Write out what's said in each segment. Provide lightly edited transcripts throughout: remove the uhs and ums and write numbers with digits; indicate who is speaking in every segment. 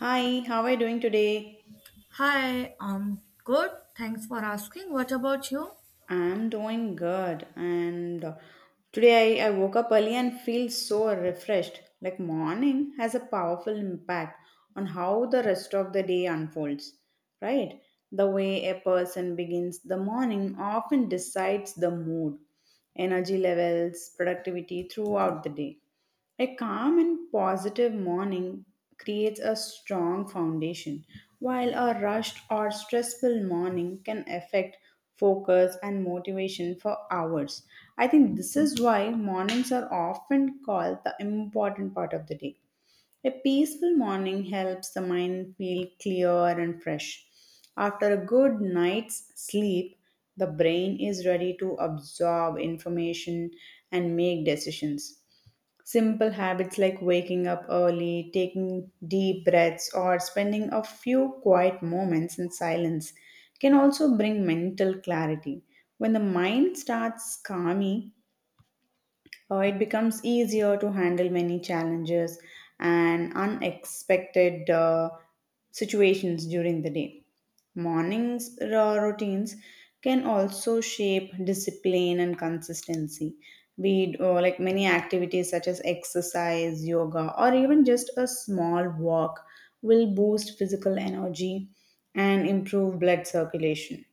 Speaker 1: Hi, how are you doing today?
Speaker 2: Hi, good. Thanks for asking. What about you?
Speaker 1: I'm doing good, and today I woke up early and feel so refreshed. Like morning has a powerful impact on how the rest of the day unfolds, right? The way a person begins the morning often decides the mood, energy levels, productivity throughout the day. A calm and positive morning creates a strong foundation, while a rushed or stressful morning can affect focus and motivation for hours. I think this is why mornings are often called the important part of the day. A peaceful morning helps the mind feel clear and fresh. After a good night's sleep, the brain is ready to absorb information and make decisions. Simple habits like waking up early, taking deep breaths, or spending a few quiet moments in silence can also bring mental clarity. When the mind starts calming, it becomes easier to handle many challenges and unexpected situations during the day. Mornings routines can also shape discipline and consistency. We Like many activities such as exercise, yoga, or even just a small walk will boost physical energy and improve blood circulation.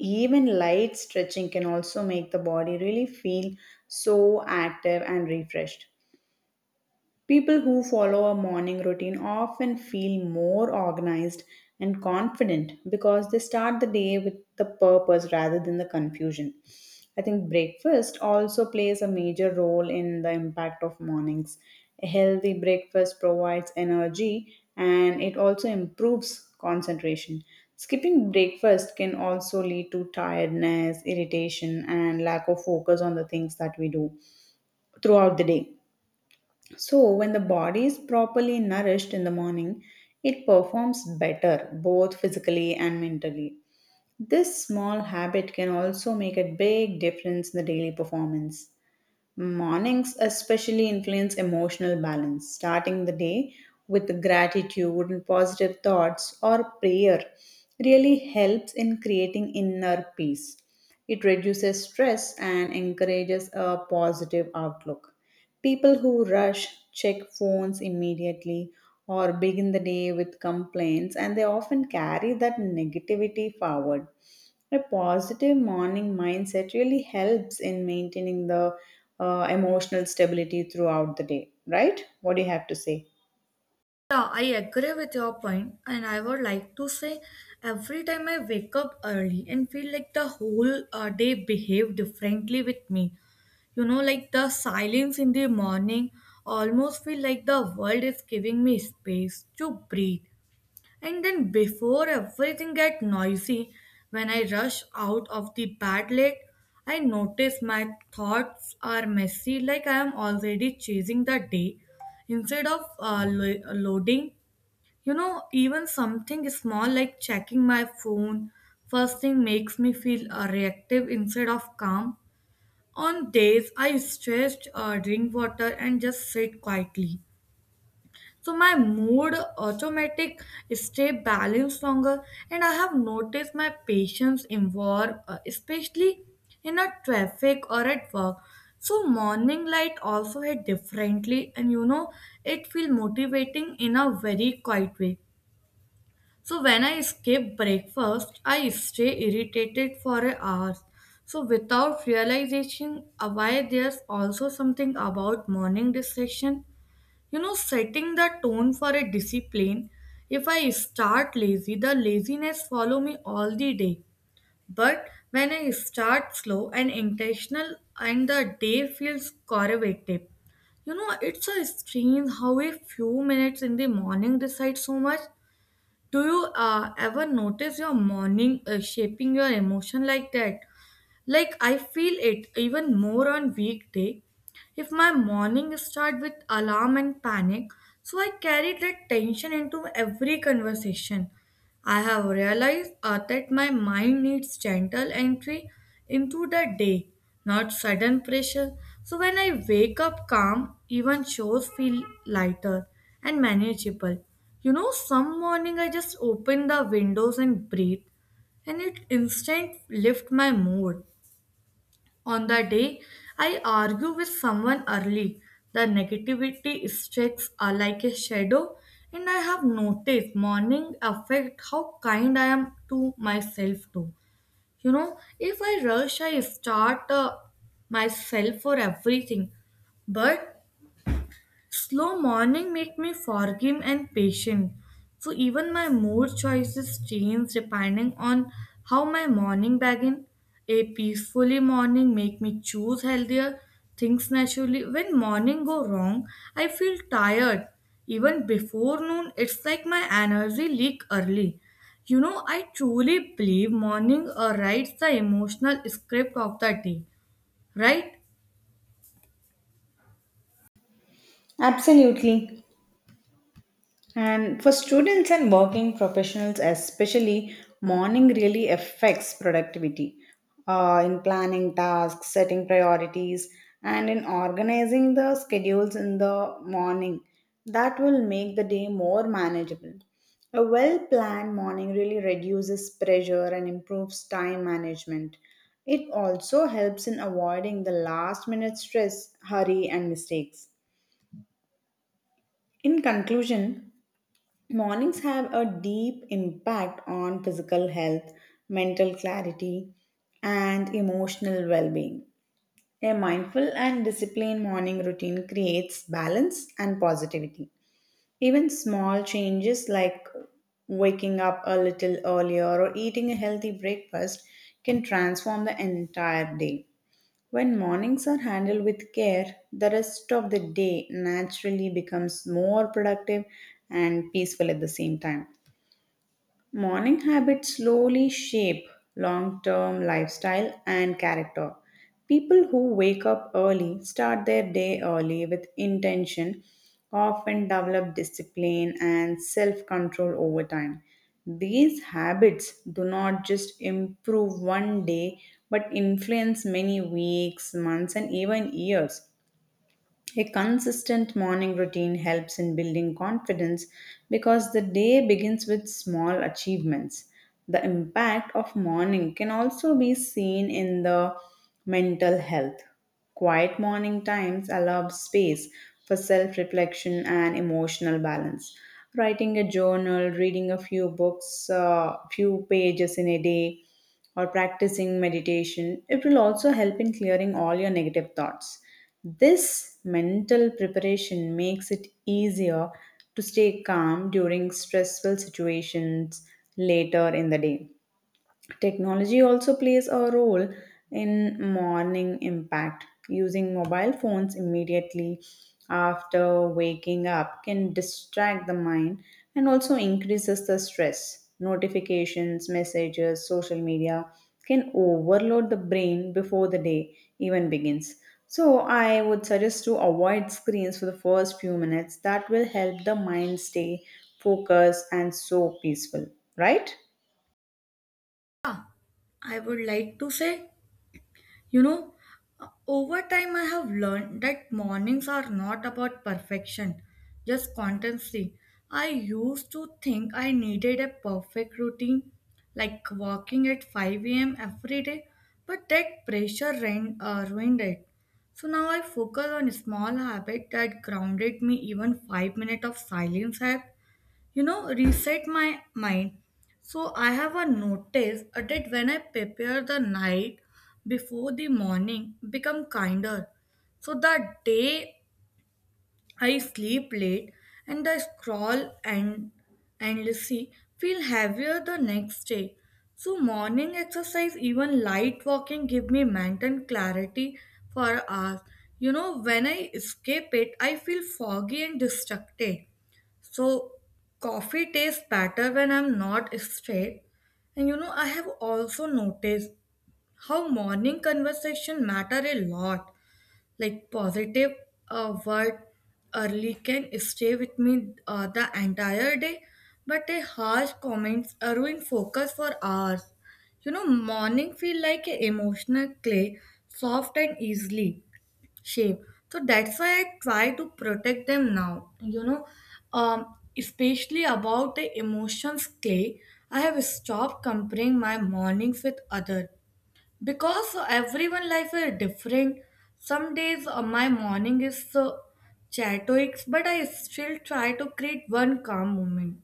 Speaker 1: Even light stretching can also make the body really feel so active and refreshed. People who follow a morning routine often feel more organized and confident because they start the day with the purpose rather than the confusion. I think breakfast also plays a major role in the impact of mornings. A healthy breakfast provides energy and it also improves concentration. Skipping breakfast can also lead to tiredness, irritation, and lack of focus on the things that we do throughout the day. So, when the body is properly nourished in the morning, it performs better both physically and mentally. This small habit can also make a big difference in the daily performance. Mornings especially influence emotional balance. Starting the day with gratitude and positive thoughts or prayer really helps in creating inner peace. It reduces stress and encourages a positive outlook. People who rush, check phones immediately, or begin the day with complaints and they often carry that negativity forward. A positive morning mindset really helps in maintaining the emotional stability throughout the day, right? What do you have to say?
Speaker 2: Yeah, I agree with your point, and I would like to say every time I wake up early and feel like the whole day behave differently with me. You know, like the silence in the morning almost feel like the world is giving me space to breathe. And then before everything get noisy, when I rush out of the bed late, I notice my thoughts are messy, like I am already chasing the day instead of loading. You know, even something small like checking my phone first thing makes me feel reactive instead of calm. On days I stretch, drink water, and just sit quietly. So my mood automatic stay balanced longer, and I have noticed my patience involved, especially in a traffic or at work. So morning light also hit differently, and you know it feel motivating in a very quiet way. So when I skip breakfast I stay irritated for hours. So without realization, why there's also something about morning distraction, you know, setting the tone for a discipline. If I start lazy, the laziness follow me all the day, but when I start slow and intentional, and the day feels correlative. You know, it's a strange how a few minutes in the morning decide so much. Do you ever notice your morning shaping your emotion like that? Like I feel it even more on weekday. If my morning start with alarm and panic, so I carry that tension into every conversation. I have realized that my mind needs gentle entry into the day, not sudden pressure. So when I wake up calm, even shows feel lighter and manageable. You know, some morning I just open the windows and breathe, and it instant lift my mood. On the day I argue with someone early, the negativity strikes like a shadow, and I have noticed morning affect how kind I am to myself too. You know, if I rush, I start myself for everything. But slow morning make me forgiving and patient. So even my mood choices change depending on how my morning begin. A peacefully morning make me choose healthier things naturally. When morning go wrong, I feel tired. Even before noon, it's like my energy leak early. You know, I truly believe morning writes the emotional script of the day, right?
Speaker 1: Absolutely. And for students and working professionals, especially, morning really affects productivity, in planning tasks, setting priorities, and in organizing the schedules in the morning. That will make the day more manageable. A well planned morning really reduces pressure and improves time management. It also helps in avoiding the last minute stress, hurry, and mistakes. In conclusion, mornings have a deep impact on physical health, mental clarity, and emotional well being. A mindful and disciplined morning routine creates balance and positivity. Even small changes like waking up a little earlier or eating a healthy breakfast can transform the entire day. When mornings are handled with care, the rest of the day naturally becomes more productive and peaceful at the same time. Morning habits slowly shape long term lifestyle and character. People who wake up early start their day early with intention, often develop discipline and self control over time. These habits do not just improve one day but influence many weeks, months, and even years. A consistent morning routine helps in building confidence because the day begins with small achievements. The impact of morning can also be seen in the mental health. Quiet morning times allow space for self reflection and emotional balance. Writing a journal, reading a few books, few pages in a day, or practicing meditation, it will also help in clearing all your negative thoughts. This mental preparation makes it easier to stay calm during stressful situations later in the day. Technology also plays a role in morning impact. Using mobile phones immediately after waking up can distract the mind and also increases the stress. Notifications, messages, social media can overload the brain before the day even begins. So, I would suggest to avoid screens for the first few minutes. That will help the mind stay focused and so peaceful, right?
Speaker 2: I would like to say. You know, over time I have learned that mornings are not about perfection, just constancy. I used to think I needed a perfect routine, like walking at 5 a.m. every day, but that pressure ruined it. So now I focus on small habits that grounded me. Even 5 minutes of silence help, you know, reset my mind. So I have a notice that when I prepare the night before, the morning become kinder. So the day I sleep late and I scroll and endlessly feel heavier the next day. So morning exercise, even light walking give me mental clarity for hours. You know, when I escape it, I feel foggy and distracted. So coffee tastes better when I'm not straight. And you know, I have also noticed how morning conversation matter a lot, like positive word early can stay with me the entire day, but a harsh comments ruin focus for hours. You know, morning feel like a emotional clay, soft and easily shape. So that's why I try to protect them now. Especially about the emotions clay, I have stopped comparing my mornings with other, because everyone life is different. Some days my morning is so chaotic, but I still try to create one calm moment.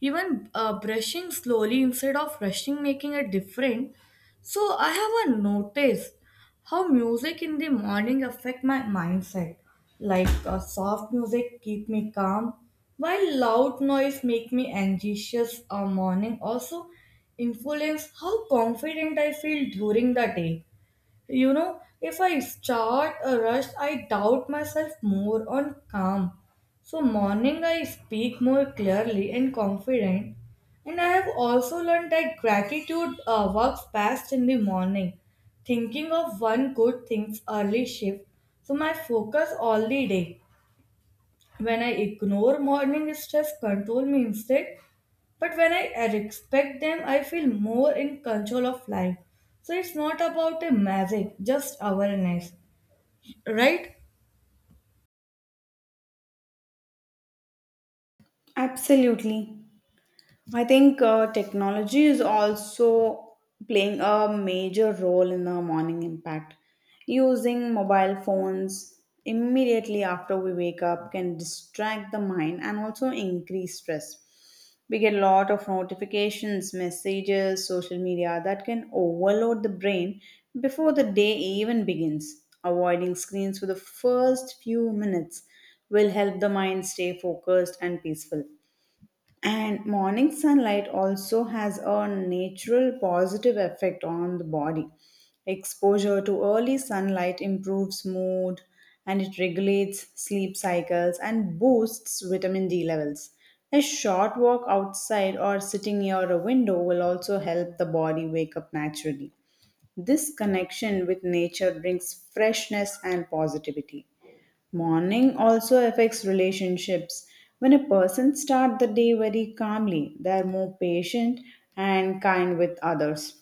Speaker 2: Even brushing slowly instead of rushing making a different. So I have a notice how music in the morning affect my mindset. Like soft music keep me calm, while loud noise make me anxious. Morning also influence how confident I feel during the day. You know, if I start a rush, I doubt myself more on calm. So morning I speak more clearly and confident. And I have also learned that gratitude works best in the morning. Thinking of one good thing's early shift. So my focus all the day. When I ignore morning, stress control me instead, but when I respect them, I feel more in control of life. So it's not about a magic, just awareness, right?
Speaker 1: Absolutely. I think technology is also playing a major role in the morning impact. Using mobile phones immediately after we wake up can distract the mind and also increase stress. We get a lot of notifications, messages, social media that can overload the brain before the day even begins. Avoiding screens for the first few minutes will help the mind stay focused and peaceful. And morning sunlight also has a natural positive effect on the body. Exposure to early sunlight improves mood and it regulates sleep cycles and boosts vitamin D levels. A short walk outside or sitting near a window will also help the body wake up naturally. This connection with nature brings freshness and positivity. Morning also affects relationships. When a person starts the day very calmly, they are more patient and kind with others.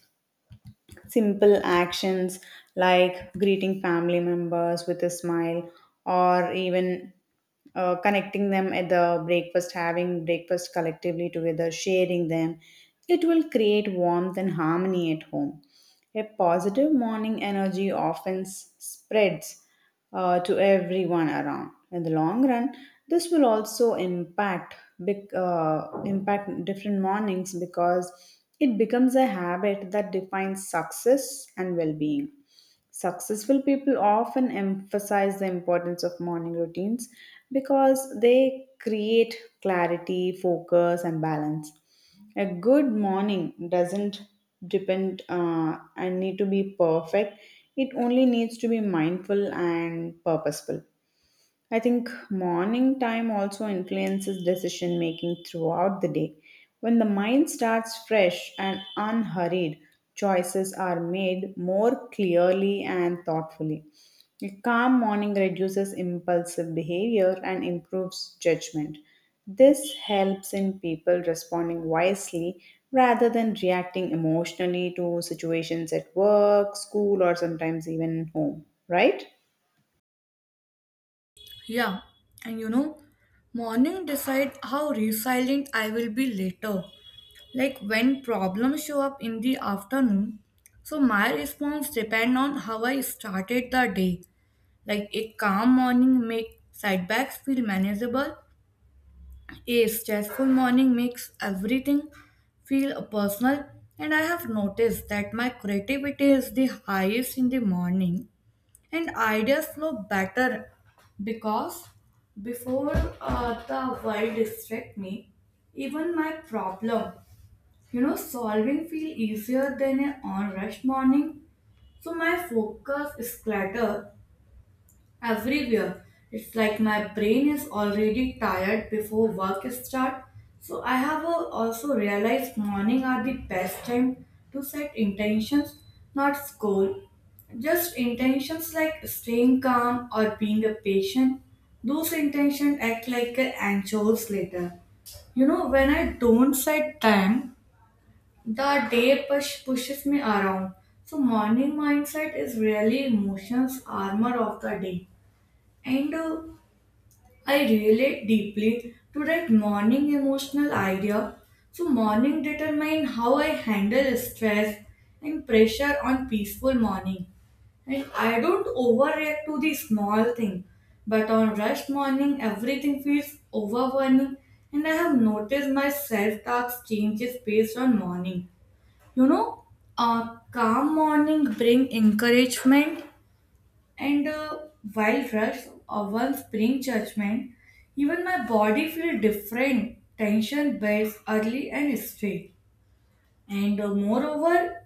Speaker 1: Simple actions like greeting family members with a smile or even connecting them at the breakfast, having breakfast collectively together, sharing them, it will create warmth and harmony at home. A positive morning energy often spreads to everyone around. In the long run, this will also impact impact different mornings because it becomes a habit that defines success and well-being. Successful people often emphasize the importance of morning routines because they create clarity, focus, and balance. A good morning doesn't depend and need to be perfect, it only needs to be mindful and purposeful. I think morning time also influences decision making throughout the day. When the mind starts fresh and unhurried, choices are made more clearly and thoughtfully. A calm morning reduces impulsive behavior and improves judgment. This helps in people responding wisely rather than reacting emotionally to situations at work, school, or sometimes even home, right?
Speaker 2: Yeah, and you know, morning decide how resilient I will be later. Like when problems show up in the afternoon, so my response depend on how I started the day. Like a calm morning make setbacks feel manageable. A stressful morning makes everything feel personal, and I have noticed that my creativity is the highest in the morning, and ideas flow better because before the world distract me, even my problem, you know, solving feel easier than an on rush morning. So my focus is cluttered everywhere. It's like my brain is already tired before work start. So I have also realized morning are the best time to set intentions, not goal. Just intentions like staying calm or being a patient. Those intentions act like a anchors later. You know, when I don't set time, the day pushes me around. So morning mindset is really emotions armor of the day. And I relate deeply to that morning emotional idea. So, morning determine how I handle stress and pressure on peaceful morning. And I don't overreact to the small thing, but on rush morning, everything feels overwhelming. And I have noticed my self talk changes based on morning. You know, a calm morning bring encouragement and while rush of one spring judgment, even my body feel different. Tension builds early and straight. And moreover,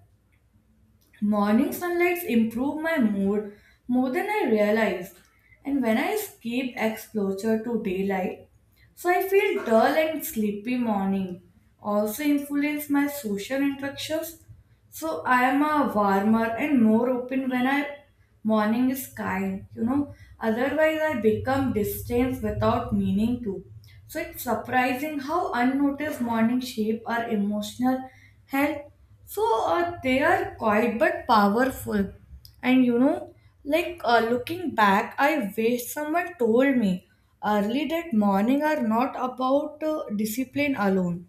Speaker 2: morning sunlights improve my mood more than I realized. And when I skip exposure to daylight, so I feel dull and sleepy morning. Also influence my social interactions, so I am a warmer and more open when I morning is kind, you know. Otherwise I become distant without meaning to. So it's surprising how unnoticed morning shape our emotional health. So they are quiet but powerful. And you know, looking back, I wish someone told me early that morning are not about discipline alone,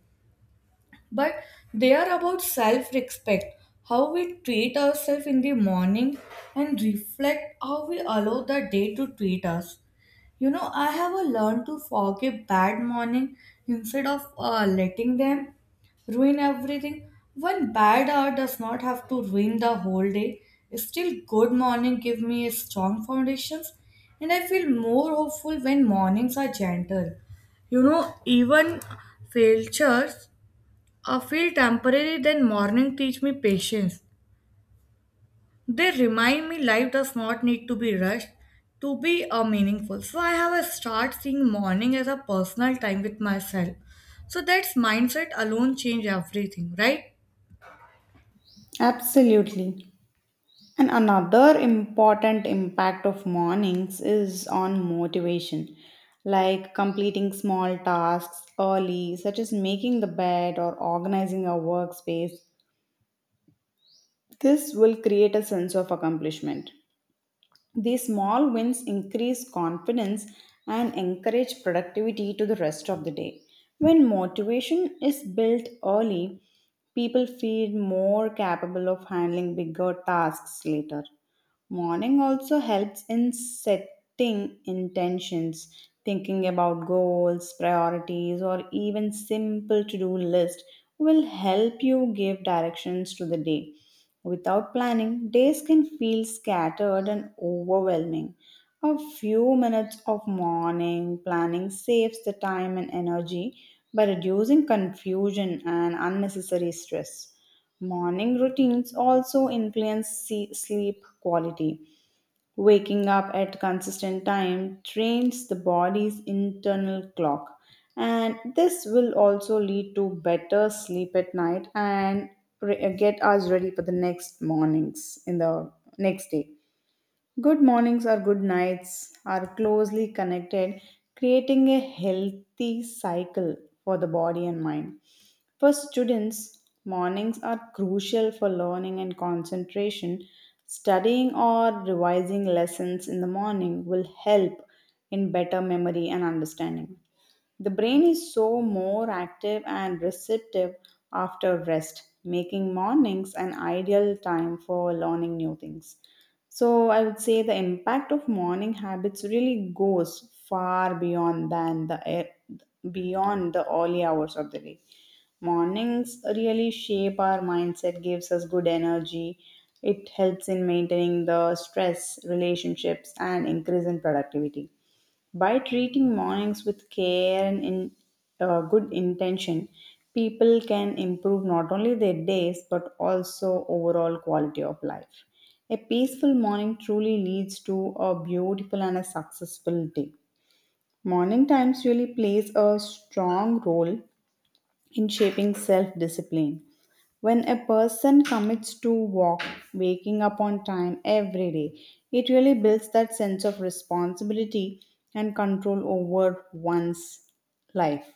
Speaker 2: but they are about self respect, how we treat ourselves in the morning and reflect how we allow the day to treat us. You know, I have learned to forgive bad morning instead of letting them ruin everything. One bad hour does not have to ruin the whole day. Still, good morning give me a strong foundations, and I feel more hopeful when mornings are gentle. You know, even failures I feel temporary, then morning teach me patience. They remind me life does not need to be rushed to be a meaningful. So I have a start seeing morning as a personal time with myself. So that's mindset alone change everything, right?
Speaker 1: Absolutely. And another important impact of mornings is on motivation, like completing small tasks early, such as making the bed or organizing our workspace. This will create a sense of accomplishment. These small wins increase confidence and encourage productivity to the rest of the day. When motivation is built early, people feel more capable of handling bigger tasks later. Morning also helps in setting intentions, thinking about goals, priorities, or even simple to do list will help you give directions to the day. Without planning, days can feel scattered and overwhelming. A few minutes of morning planning saves the time and energy by reducing confusion and unnecessary stress. Morning routines also influence sleep quality. Waking up at consistent time trains the body's internal clock and this will also lead to better sleep at night and get us ready for the next mornings in the next day. Good mornings or good nights are closely connected, creating a healthy cycle for the body and mind. For students, mornings are crucial for learning and concentration. Studying or revising lessons in the morning will help in better memory and understanding. The brain is so more active and receptive after rest, making mornings an ideal time for learning new things. So I would say the impact of morning habits really goes far beyond than the air, beyond the early hours of the day. Mornings really shape our mindset, gives us good energy. It helps in maintaining the stress, relationships, and increase in productivity. By treating mornings with care and in, good intention, people can improve not only their days but also overall quality of life. A peaceful morning truly leads to a beautiful and a successful day. Morning times really plays a strong role in shaping self discipline when a person commits to walk, waking up on time every day, it really builds that sense of responsibility and control over one's life.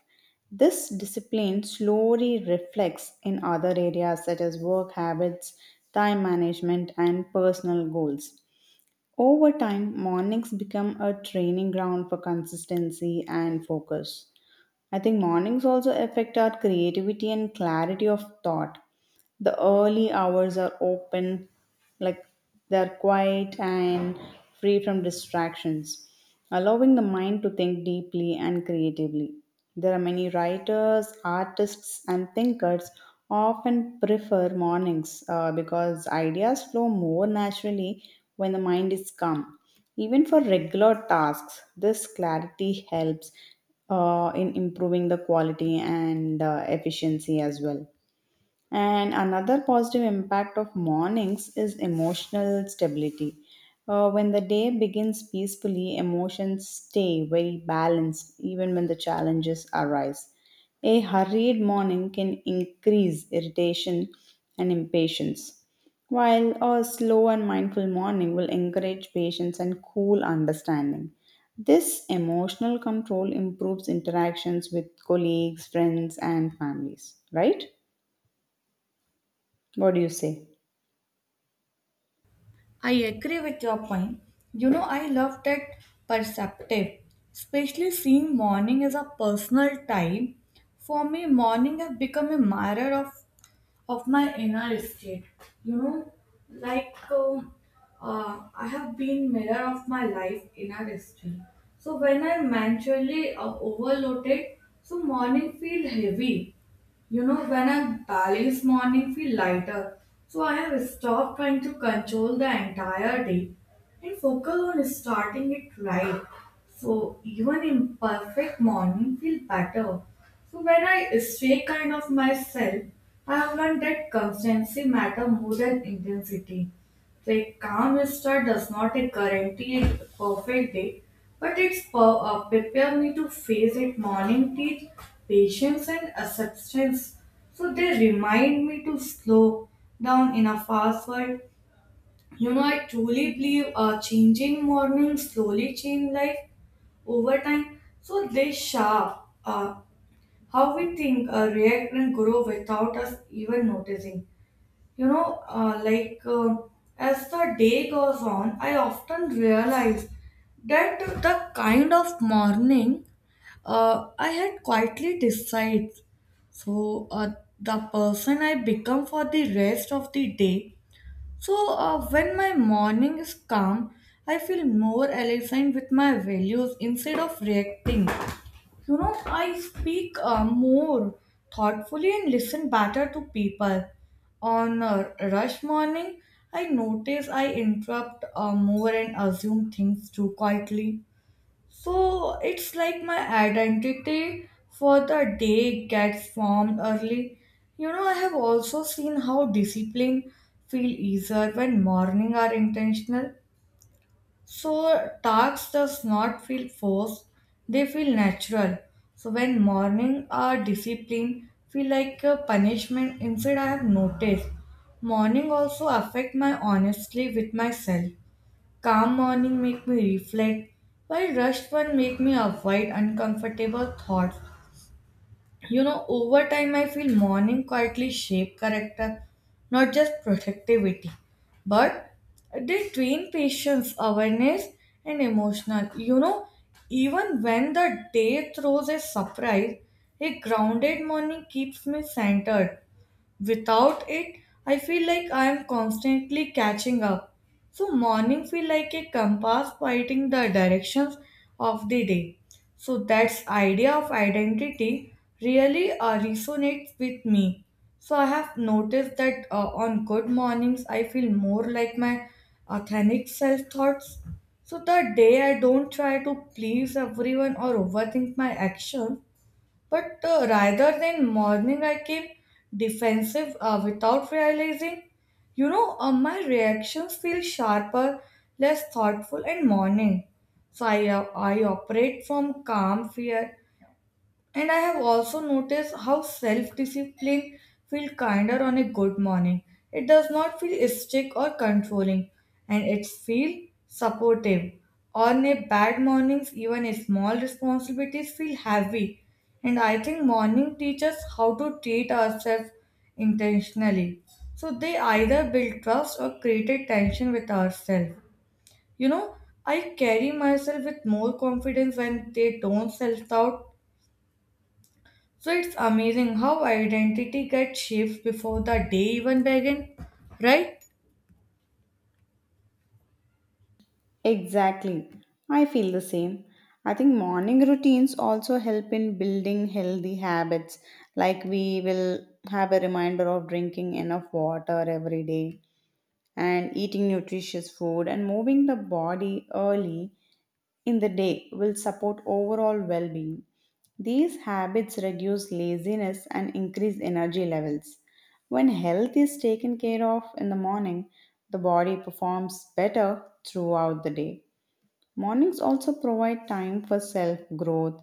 Speaker 1: This discipline slowly reflects in other areas such as work habits, time management, and personal goals. Over time, mornings become a training ground for consistency and focus. I think mornings also affect our creativity and clarity of thought. The early hours are open, like they're quiet and free from distractions, allowing the mind to think deeply and creatively. There are many writers, artists, and thinkers often prefer mornings because ideas flow more naturally when the mind is calm. Even for regular tasks, this clarity helps in improving the quality and efficiency as well. And another positive impact of mornings is emotional stability. When the day begins peacefully, emotions stay very balanced even when the challenges arise. A hurried morning can increase irritation and impatience, while a slow and mindful morning will encourage patience and cool understanding. This emotional control improves interactions with colleagues, friends, and families, right? What do you say?
Speaker 2: I agree with your point. You know, I love that perceptive, especially seeing morning as a personal time. For me, morning has become a mirror of my inner state. You know, like um, I have been mirror of my life inner state. So when I'm mentally overloaded, so morning feel heavy. You know, when I balance morning feel lighter, so I have stopped trying to control the entire day and focus on starting it right. So even imperfect morning feel better. So when I stay kind of myself, I have learned that constancy matter more than intensity. A calm start does not guarantee a perfect day, but prepare me to face it. Morning teach patience and acceptance. So they remind me to slow down in a fast world. You know, I truly believe changing morning slowly change life over time. So they shape uh, how we think, react, and grow without us even noticing. You know, as the day goes on, I often realize that the kind of morning I had quietly decides. So the person I become for the rest of the day. So when my morning is calm, I feel more aligned with my values instead of reacting. You know, I speak more thoughtfully and listen better to people. On a rush morning, I notice I interrupt more and assume things too quietly. So it's like my identity for the day gets formed early. You know, I have also seen how discipline feel easier when morning are intentional, so tasks does not feel forced, they feel natural. So when morning are discipline feel like a punishment instead I have noticed. Morning also affect my honestly with myself. Calm morning make me reflect, while rushed one make me avoid uncomfortable thoughts. You know, over time, I feel morning quietly shape character, not just productivity, but they train patience, awareness, and emotional. You know, even when the day throws a surprise, a grounded morning keeps me centered. Without it, I feel like I am constantly catching up. So morning feel like a compass pointing the directions of the day. So that's idea of identity really resonates with me. So I have noticed that on good mornings I feel more like my authentic self thoughts. So the day I don't try to please everyone or overthink my actions, but rather than mourning, I came defensive without realizing. You know, my reactions feel sharper, less thoughtful, and mourning. So I operate from calm fear. And I have also noticed how self discipline feels kinder on a good morning. It does not feel strict or controlling, and it feels supportive. On a bad mornings, even a small responsibilities feel heavy. And I think morning teaches how to treat ourselves intentionally. So they either build trust or create a tension with ourselves. You know, I carry myself with more confidence when they don't self doubt. So it's amazing how identity gets shaped before the day even begin, right?
Speaker 1: Exactly. I feel the same. I think morning routines also help in building healthy habits. Like we will have a reminder of drinking enough water every day and eating nutritious food and moving the body early in the day will support overall well being. These habits reduce laziness and increase energy levels. When health is taken care of in the morning, the body performs better throughout the day. Mornings also provide time for self growth,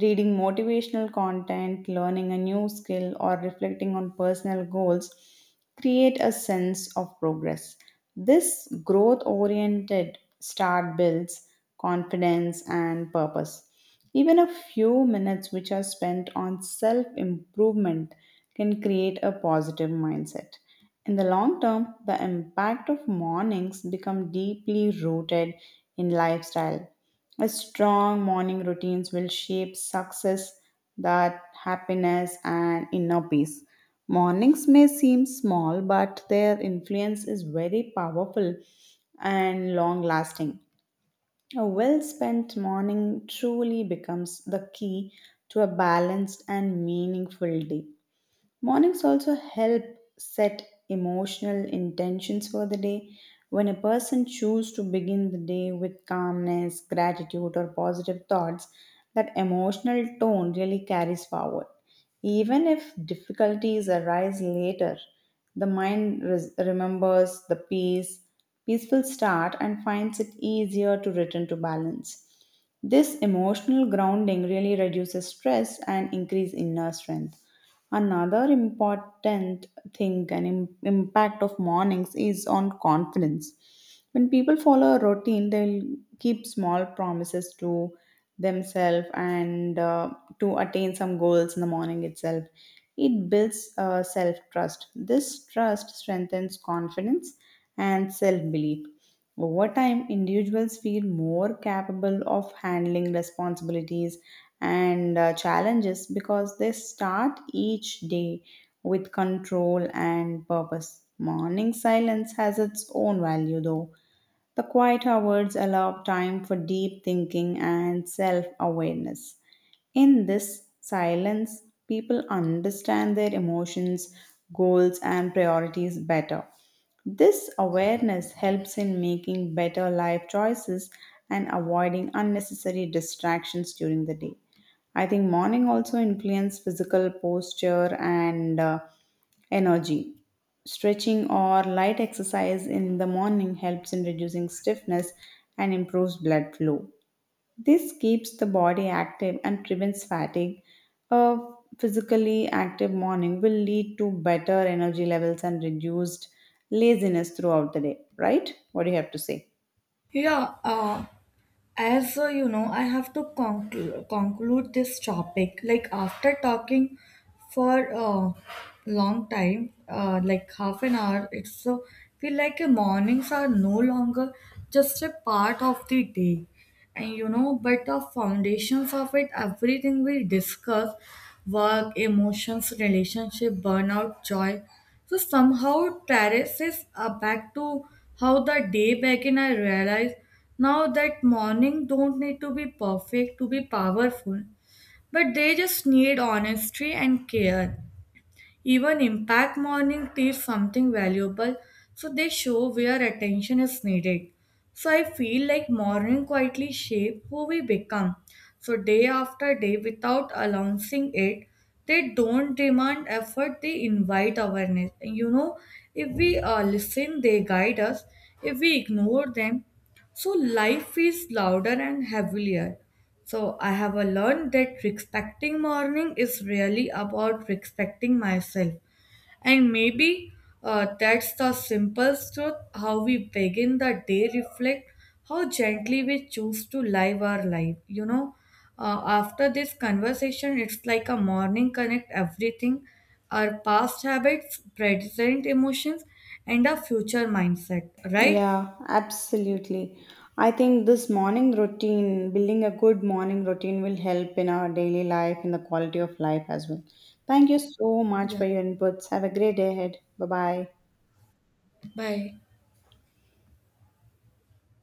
Speaker 1: reading motivational content, learning a new skill, or reflecting on personal goals create a sense of progress. This growth oriented start builds confidence and purpose. Even a few minutes which are spent on self improvement can create a positive mindset. In the long term, the impact of mornings become deeply rooted in lifestyle. A strong morning routines will shape success, that happiness and inner peace. Mornings may seem small, but their influence is very powerful and long lasting. A well spent morning truly becomes the key to a balanced and meaningful day. Mornings also help set emotional intentions for the day. When a person chooses to begin the day with calmness, gratitude, or positive thoughts, that emotional tone really carries forward. Even if difficulties arise later, the mind remembers the peace, peaceful start, and finds it easier to return to balance. This emotional grounding really reduces stress and increase inner strength. Another important thing and impact of mornings is on confidence. When people follow a routine, they'll keep small promises to themselves and to attain some goals in the morning itself. It builds self trust. This trust strengthens confidence and self belief. Over time, individuals feel more capable of handling responsibilities and challenges because they start each day with control and purpose. Morning silence has its own value though. The quiet hours allow time for deep thinking and self awareness. In this silence, people understand their emotions, goals, and priorities better. This awareness helps in making better life choices and avoiding unnecessary distractions during the day. I think morning also influences physical posture and energy. Stretching or light exercise in the morning helps in reducing stiffness and improves blood flow. This keeps the body active and prevents fatigue. A physically active morning will lead to better energy levels and reduced laziness throughout the day, right? What do you have to say?
Speaker 2: Yeah, as you know, I have to conclude this topic. Like after talking for a long time, like half an hour, it's so feel like mornings are no longer just a part of the day. And you know, but the foundations of it, everything we discuss, work, emotions, relationship, burnout, joy, so somehow traces are back to how the day began. I realized now that morning don't need to be perfect to be powerful, but they just need honesty and care. Even impact morning teach something valuable, so they show where attention is needed. So I feel like morning quietly shape who we become. So day after day without announcing it, they don't demand effort, they invite awareness. And you know, if we listen, they guide us. If we ignore them, so life is louder and heavier. So I have learned that respecting morning is really about respecting myself. And maybe that's the simple truth, how we begin the day reflect how gently we choose to live our life. You know, after this conversation, it's like a morning connect everything, our past habits, present emotions, and our future mindset, right?
Speaker 1: Yeah, absolutely. I think this morning routine, building a good morning routine, will help in our daily life, in the quality of life as well. Thank you so much
Speaker 2: Yeah.
Speaker 1: for your inputs. Have a great day ahead. Bye bye.
Speaker 2: Bye.